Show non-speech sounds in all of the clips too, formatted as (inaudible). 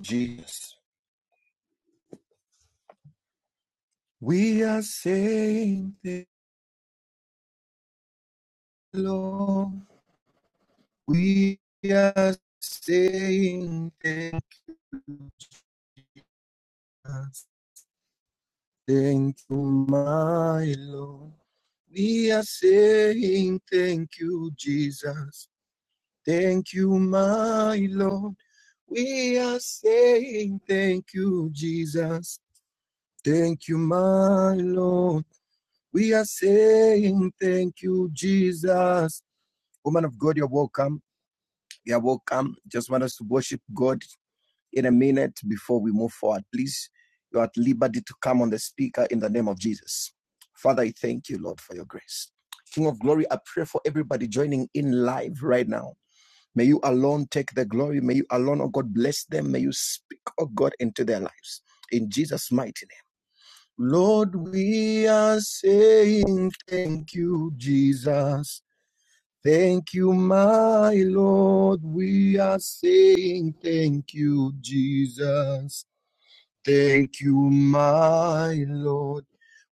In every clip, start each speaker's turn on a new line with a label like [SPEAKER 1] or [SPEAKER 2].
[SPEAKER 1] Jesus. We are saying the Lord. We are saying thank you, my Lord. We are saying thank you, Jesus. Thank you, my Lord. We are saying thank you, Jesus. Thank you, my Lord. We are saying thank you, Jesus. Woman of God, you're welcome. You're welcome. Just want us to worship God in a minute before we move forward. Please, you're at liberty to come on the speaker in the name of Jesus. Father, I thank you, Lord, for your grace. King of glory, I pray for everybody joining in live right now. May you alone take the glory. May you alone, oh God, bless them. May you speak, oh God, into their lives. In Jesus' mighty name. Lord, we are saying thank you, Jesus. Thank you, my Lord. We are saying thank you, Jesus. Thank you, my Lord.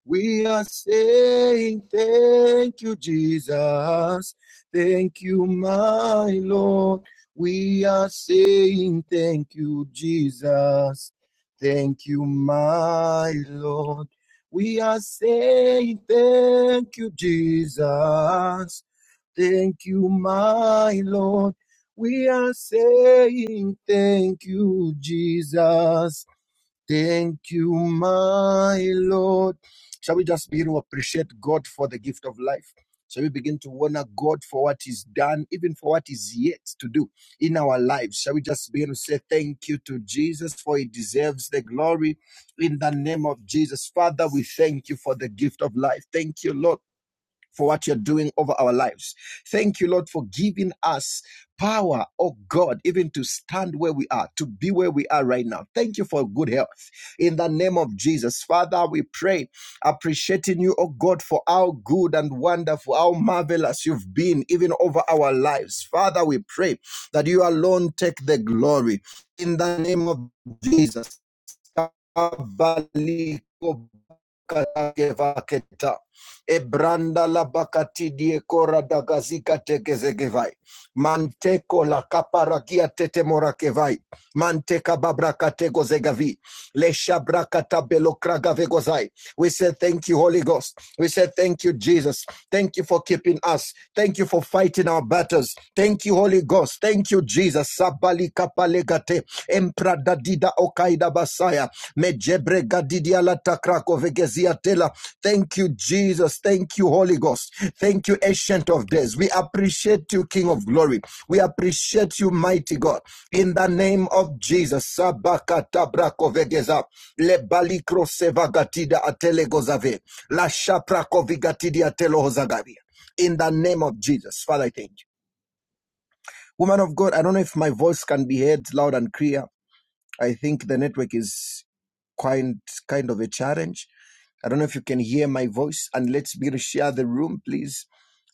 [SPEAKER 1] We are saying thank you, Jesus. Thank you, my Lord. We are saying thank you, Jesus. Thank you, my Lord. We are saying thank you, Jesus. Thank you, my Lord. We are saying thank you, Jesus. Thank you, my Lord. Shall we just begin to appreciate God for the gift of life? Shall we begin to honor God for what He's done, even for what is yet to do in our lives? Shall we just begin to say thank you to Jesus for He deserves the glory in the name of Jesus? Father, we thank you for the gift of life. Thank you, Lord for what you're doing over our lives. Thank you, Lord, for giving us power, oh God, even to stand where we are, to be where we are right now. Thank you for good health. In the name of Jesus, Father, we pray, appreciating you, oh God, for how good and wonderful, how marvelous you've been, even over our lives. Father, we pray that you alone take the glory. In the name of Jesus. Kata Ebranda la bakati die kora da gazika Manteko la kaparakia tete morakevai. Manteka babra katego Lesha brakata belokraga vegozai. We say thank you, Holy Ghost. We say thank you, Jesus. Thank you for keeping us. Thank you for fighting our battles. Thank you, Holy Ghost. Thank you, Jesus. Sabali kapalegate. Empradadida okaida basaya. Mejebre gadidia la takrako vegezia tela. Thank you, Jesus. Thank you, Holy Ghost. Thank you, Ancient of Days. We appreciate you, King of Glory. We appreciate you, Mighty God. In the name of Jesus. Sabaka tabrako vegeza. Le balikro sevagatida atelegozave. La shaprako vigatidia telohozagavia. In the name of Jesus. Father, I thank you. Woman of God, I don't know if my voice can be heard loud and clear. I think the network is quite kind of a challenge. I don't know if you can hear my voice, and let's begin to share the room, please.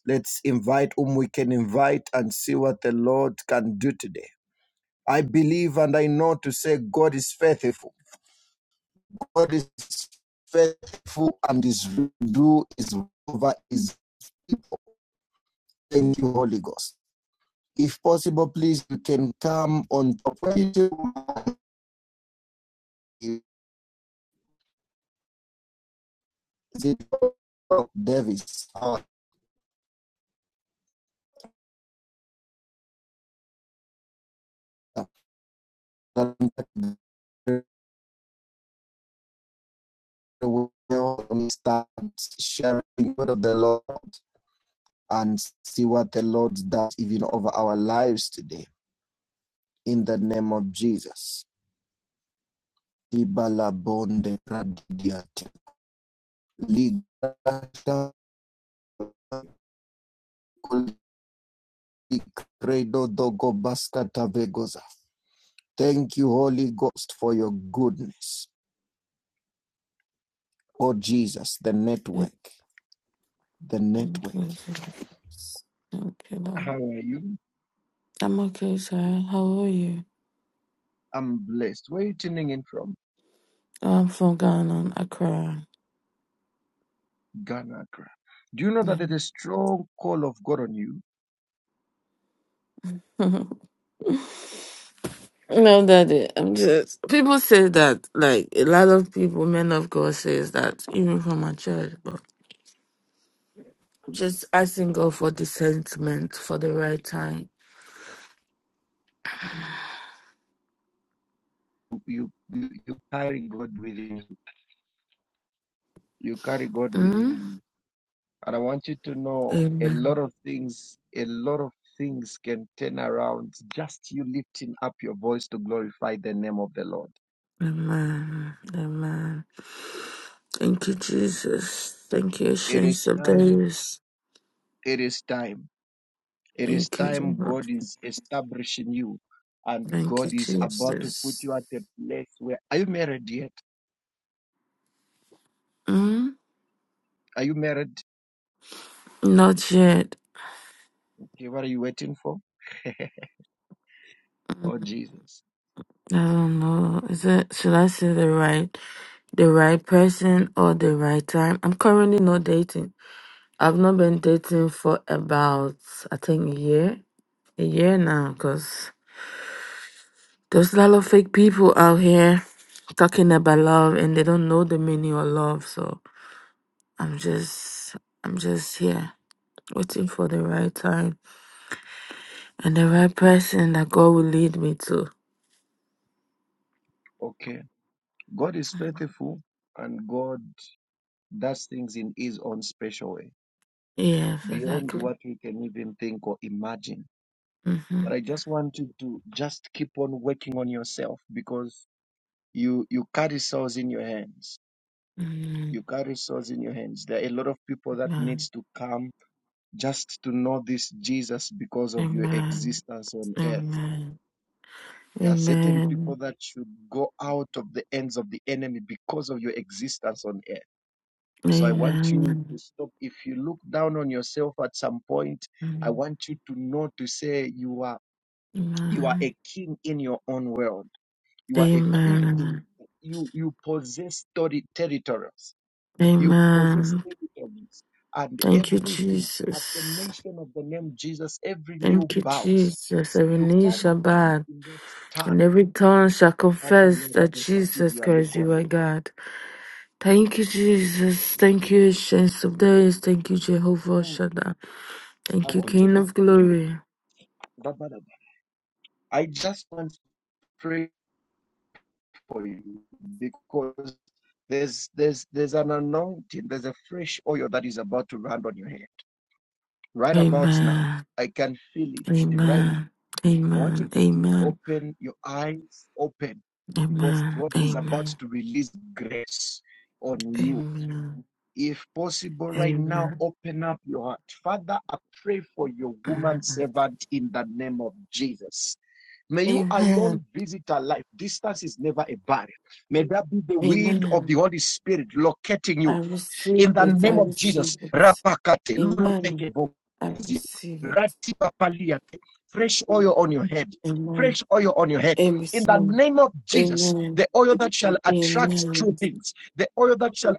[SPEAKER 1] Let's invite whom we can invite and see what the Lord can do today. I believe and I know to say God is faithful. God is faithful and his do is over is thank you, Holy Ghost. If possible, please you can come on top. Is it Davis? Uh, will start sharing the word of the Lord and see what the Lord does even over our lives today. In the name of Jesus. Thank you, Holy Ghost, for your goodness. Oh, Jesus, the
[SPEAKER 2] Good
[SPEAKER 1] network, the network.
[SPEAKER 2] evening, Jesus. Thank Lord.
[SPEAKER 1] How are you?
[SPEAKER 2] I'm okay, sir. How are you?
[SPEAKER 1] I'm blessed. Where are you tuning in from?
[SPEAKER 2] I'm from Ghana, Accra.
[SPEAKER 1] Ghanakra. Do you know that
[SPEAKER 2] Yeah.
[SPEAKER 1] there's a strong call of God on you?
[SPEAKER 2] (laughs) no, Daddy. I'm just. People say that, like a lot of people, men of God, says that even from my church. But I'm just asking God for discernment for the right time.
[SPEAKER 1] You, you, you carry God within you. You carry God within
[SPEAKER 2] Mm?
[SPEAKER 1] you. And I want you to know a
[SPEAKER 2] Amen.
[SPEAKER 1] lot of things, a lot of things can turn around just you lifting up your voice to glorify the name of the Lord.
[SPEAKER 2] Amen. Amen. Thank you, Jesus. Thank you,
[SPEAKER 1] It
[SPEAKER 2] Ancient
[SPEAKER 1] is
[SPEAKER 2] of
[SPEAKER 1] time.
[SPEAKER 2] Days.
[SPEAKER 1] It is time. It is
[SPEAKER 2] Thank you,
[SPEAKER 1] time
[SPEAKER 2] Jehovah.
[SPEAKER 1] God is establishing you and
[SPEAKER 2] Thank you,
[SPEAKER 1] God is about to put
[SPEAKER 2] Jesus.
[SPEAKER 1] you at a place where. Are you married yet?
[SPEAKER 2] Mm?
[SPEAKER 1] Are you married?
[SPEAKER 2] Not yet.
[SPEAKER 1] Okay, what are you waiting for? (laughs) Oh, Jesus.
[SPEAKER 2] I don't know. Is it should I say the right the right person or the right time? I'm currently not dating. I've not been dating for about I think a year. A year now, because there's a lot of fake people out here talking about love and they don't know the meaning of love. So I'm just I'm just here waiting for the right time and the right person that God will lead me to.
[SPEAKER 1] Okay. God is faithful and God does things in His own special way,
[SPEAKER 2] Yes,
[SPEAKER 1] beyond
[SPEAKER 2] exactly.
[SPEAKER 1] what we can even think or imagine.
[SPEAKER 2] Mm-hmm.
[SPEAKER 1] But I just want you to just keep on working on yourself because you you carry souls in your hands.
[SPEAKER 2] Mm-hmm.
[SPEAKER 1] You carry souls in your hands. There are a lot of people that needs
[SPEAKER 2] Amen.
[SPEAKER 1] to come just to know this Jesus because of your
[SPEAKER 2] Amen.
[SPEAKER 1] existence on earth.
[SPEAKER 2] Amen.
[SPEAKER 1] There are certain people
[SPEAKER 2] Amen.
[SPEAKER 1] that should go out of the ends of the enemy because of your existence on earth So I want you to
[SPEAKER 2] Amen.
[SPEAKER 1] stop. If you look down on yourself at some point, I want you to know to say you are you are a king in your own world. You are a queen in
[SPEAKER 2] Amen. Amen.
[SPEAKER 1] you you possess story territories. You possess
[SPEAKER 2] Amen.
[SPEAKER 1] territories and
[SPEAKER 2] Thank you,
[SPEAKER 1] everything at the
[SPEAKER 2] Jesus.
[SPEAKER 1] mention of the name Jesus, every knee
[SPEAKER 2] Thank you,
[SPEAKER 1] bows.
[SPEAKER 2] Jesus.
[SPEAKER 1] So
[SPEAKER 2] Every
[SPEAKER 1] you
[SPEAKER 2] knee
[SPEAKER 1] come
[SPEAKER 2] shall
[SPEAKER 1] down
[SPEAKER 2] bow,
[SPEAKER 1] in that
[SPEAKER 2] and
[SPEAKER 1] stand.
[SPEAKER 2] every tongue shall confess that Jesus Christ, you are God. Thank you, Jesus. Thank you, Ancient of Days. Thank you, Jehovah
[SPEAKER 1] Mm.
[SPEAKER 2] Shaddai.
[SPEAKER 1] I
[SPEAKER 2] Thank you,
[SPEAKER 1] want you
[SPEAKER 2] King
[SPEAKER 1] to
[SPEAKER 2] of Glory.
[SPEAKER 1] pray. I just want to pray for you because there's there's there's an anointing, there's a fresh oil that is about to run on your head right about now.
[SPEAKER 2] Amen.
[SPEAKER 1] I can feel it right now.
[SPEAKER 2] Amen.
[SPEAKER 1] I want you
[SPEAKER 2] Amen.
[SPEAKER 1] to be
[SPEAKER 2] Amen.
[SPEAKER 1] open, your eyes open, because
[SPEAKER 2] Amen.
[SPEAKER 1] God is about
[SPEAKER 2] Amen.
[SPEAKER 1] to release grace on you.
[SPEAKER 2] Amen.
[SPEAKER 1] If possible, right now,
[SPEAKER 2] Amen.
[SPEAKER 1] open up your heart. Father, I pray for your woman servant in the name of Jesus. May you
[SPEAKER 2] Amen.
[SPEAKER 1] alone visit our life. Distance is never a barrier. May that be the
[SPEAKER 2] Amen.
[SPEAKER 1] wind of the
[SPEAKER 2] Amen.
[SPEAKER 1] Holy Spirit locating you
[SPEAKER 2] I receive
[SPEAKER 1] in the
[SPEAKER 2] it. I
[SPEAKER 1] name of
[SPEAKER 2] receive
[SPEAKER 1] Jesus.
[SPEAKER 2] it.
[SPEAKER 1] Rapakate,
[SPEAKER 2] Amen.
[SPEAKER 1] lulumekebo,
[SPEAKER 2] I receive it.
[SPEAKER 1] ratipapaliate. Fresh oil on your head.
[SPEAKER 2] Amen.
[SPEAKER 1] Fresh oil on your head. In the
[SPEAKER 2] Amen.
[SPEAKER 1] name of Jesus,
[SPEAKER 2] Amen.
[SPEAKER 1] the oil that shall attract true
[SPEAKER 2] Amen.
[SPEAKER 1] things, the oil that shall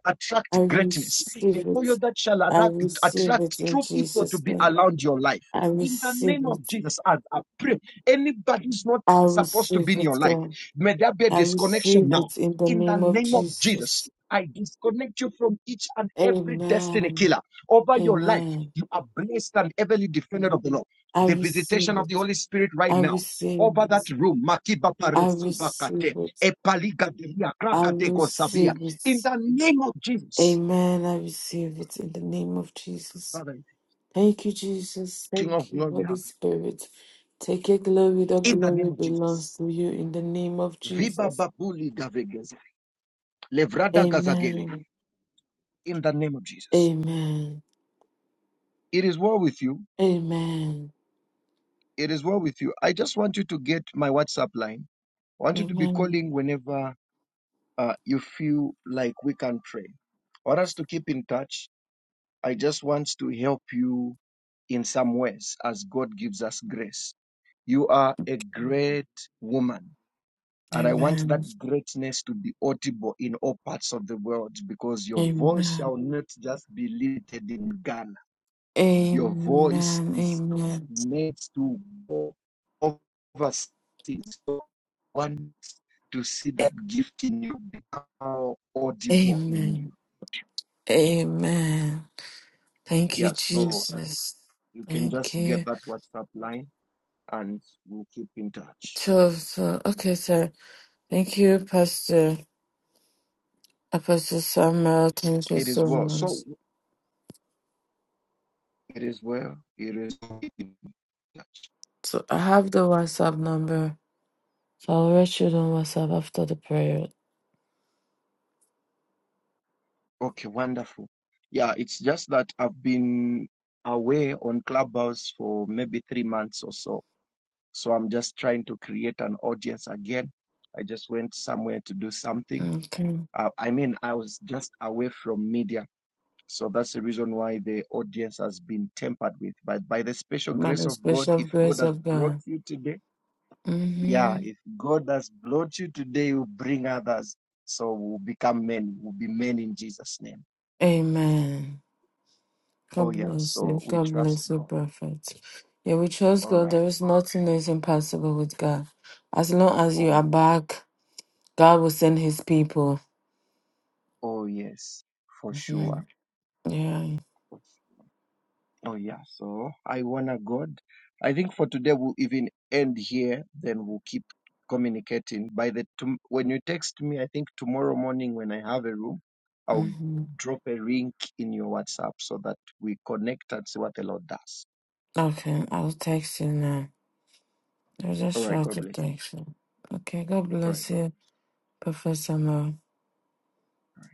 [SPEAKER 2] I
[SPEAKER 1] attract greatness, the
[SPEAKER 2] receive
[SPEAKER 1] oil
[SPEAKER 2] it.
[SPEAKER 1] that shall
[SPEAKER 2] I
[SPEAKER 1] attract,
[SPEAKER 2] receive it
[SPEAKER 1] attract
[SPEAKER 2] in
[SPEAKER 1] true people to
[SPEAKER 2] Jesus'
[SPEAKER 1] be
[SPEAKER 2] name.
[SPEAKER 1] around your life.
[SPEAKER 2] I
[SPEAKER 1] In the
[SPEAKER 2] receive
[SPEAKER 1] name of
[SPEAKER 2] it.
[SPEAKER 1] Jesus, as I pray, anybody who's not
[SPEAKER 2] I
[SPEAKER 1] supposed to
[SPEAKER 2] receive
[SPEAKER 1] be in
[SPEAKER 2] it,
[SPEAKER 1] your life,
[SPEAKER 2] God.
[SPEAKER 1] may there be a
[SPEAKER 2] I
[SPEAKER 1] disconnection
[SPEAKER 2] receive
[SPEAKER 1] now.
[SPEAKER 2] it in the
[SPEAKER 1] In the
[SPEAKER 2] name of
[SPEAKER 1] name of Jesus,
[SPEAKER 2] Jesus.
[SPEAKER 1] I disconnect you from each and every destiny
[SPEAKER 2] Amen.
[SPEAKER 1] killer over your life.
[SPEAKER 2] Amen.
[SPEAKER 1] You are blessed and heavily defended of the Lord.
[SPEAKER 2] I
[SPEAKER 1] The
[SPEAKER 2] receive
[SPEAKER 1] visitation of the
[SPEAKER 2] it.
[SPEAKER 1] Holy Spirit right
[SPEAKER 2] I
[SPEAKER 1] now
[SPEAKER 2] receive
[SPEAKER 1] over
[SPEAKER 2] it.
[SPEAKER 1] that room. Makiba pare
[SPEAKER 2] I receive
[SPEAKER 1] subakate,
[SPEAKER 2] it.
[SPEAKER 1] epaliga delia,
[SPEAKER 2] I
[SPEAKER 1] kraga dego sabia.
[SPEAKER 2] receive it.
[SPEAKER 1] In the name of Jesus,
[SPEAKER 2] Amen. I receive it in the name of Jesus.
[SPEAKER 1] Father,
[SPEAKER 2] Thank you, Jesus.
[SPEAKER 1] King of
[SPEAKER 2] Thank you,
[SPEAKER 1] glory, we
[SPEAKER 2] Holy
[SPEAKER 1] have
[SPEAKER 2] Spirit. Take your glory. The
[SPEAKER 1] you. in the name
[SPEAKER 2] glory
[SPEAKER 1] of
[SPEAKER 2] belongs
[SPEAKER 1] Jesus.
[SPEAKER 2] to you in the name of
[SPEAKER 1] Viba
[SPEAKER 2] Jesus.
[SPEAKER 1] babuli gavegeze, levrada gazagele.
[SPEAKER 2] Amen.
[SPEAKER 1] In the name of Jesus.
[SPEAKER 2] Amen.
[SPEAKER 1] It is well with you.
[SPEAKER 2] Amen.
[SPEAKER 1] It is well with you. I just want you to get my WhatsApp line I want you to be
[SPEAKER 2] Amen. Amen.
[SPEAKER 1] calling whenever uh, you feel like we can pray. I want us to keep in touch. I just want to help you in some ways as God gives us grace. You are a great woman, and I want
[SPEAKER 2] Amen.
[SPEAKER 1] that greatness to be audible in all parts of the world because your voice
[SPEAKER 2] Amen.
[SPEAKER 1] shall not just be limited in Ghana your voice is
[SPEAKER 2] Amen.
[SPEAKER 1] made to go overseas. So one to see that gift in you become audible in
[SPEAKER 2] Amen.
[SPEAKER 1] you.
[SPEAKER 2] Amen. Thank you,
[SPEAKER 1] Yeah, so
[SPEAKER 2] Jesus.
[SPEAKER 1] you can
[SPEAKER 2] Thank
[SPEAKER 1] just get
[SPEAKER 2] you.
[SPEAKER 1] that WhatsApp line and we'll keep in touch.
[SPEAKER 2] Joseph. Okay, sir. Thank you, Pastor Apostle Samuel. Thank you
[SPEAKER 1] It is
[SPEAKER 2] so
[SPEAKER 1] well.
[SPEAKER 2] much.
[SPEAKER 1] So it is well. It is well.
[SPEAKER 2] So I have the WhatsApp number. So I'll reach you on WhatsApp after the prayer.
[SPEAKER 1] okay, wonderful. Yeah, it's just that I've been away on Clubhouse for maybe three months or so So I'm just trying to create an audience again. I just went somewhere to do something.
[SPEAKER 2] Okay.
[SPEAKER 1] Uh, I mean, I was just away from media. So that's the reason why the audience has been tempered with. But by the special
[SPEAKER 2] By
[SPEAKER 1] grace
[SPEAKER 2] the
[SPEAKER 1] of God,
[SPEAKER 2] special
[SPEAKER 1] if God
[SPEAKER 2] grace
[SPEAKER 1] has
[SPEAKER 2] of
[SPEAKER 1] brought
[SPEAKER 2] God.
[SPEAKER 1] you today, yeah,
[SPEAKER 2] Mm-hmm.
[SPEAKER 1] if God has brought you today, you bring others. So we'll become men, we'll be men in Jesus' name.
[SPEAKER 2] Amen.
[SPEAKER 1] Oh,
[SPEAKER 2] God
[SPEAKER 1] yeah.
[SPEAKER 2] bless you.
[SPEAKER 1] So we
[SPEAKER 2] God
[SPEAKER 1] trust
[SPEAKER 2] bless you,
[SPEAKER 1] God.
[SPEAKER 2] Prophet. Yeah, we trust
[SPEAKER 1] All
[SPEAKER 2] God.
[SPEAKER 1] right.
[SPEAKER 2] There is nothing that is impossible with God. As long as you
[SPEAKER 1] Oh,
[SPEAKER 2] are back, God will send his people.
[SPEAKER 1] oh yes, for sure.
[SPEAKER 2] Mhm. Yeah.
[SPEAKER 1] Oh yeah, so I wanna God. I think for today we'll even end here. Then we'll keep communicating. By the tom when you text me, I think tomorrow morning when I have a room, I'll
[SPEAKER 2] hmm
[SPEAKER 1] drop a link in your WhatsApp so that we connect and see what the Lord does.
[SPEAKER 2] Okay, I'll text you now. I'll
[SPEAKER 1] All
[SPEAKER 2] just
[SPEAKER 1] right,
[SPEAKER 2] shout
[SPEAKER 1] God
[SPEAKER 2] to
[SPEAKER 1] bless you.
[SPEAKER 2] text you. Okay, God
[SPEAKER 1] All right,
[SPEAKER 2] bless
[SPEAKER 1] God.
[SPEAKER 2] you, Professor Mo.
[SPEAKER 1] All right.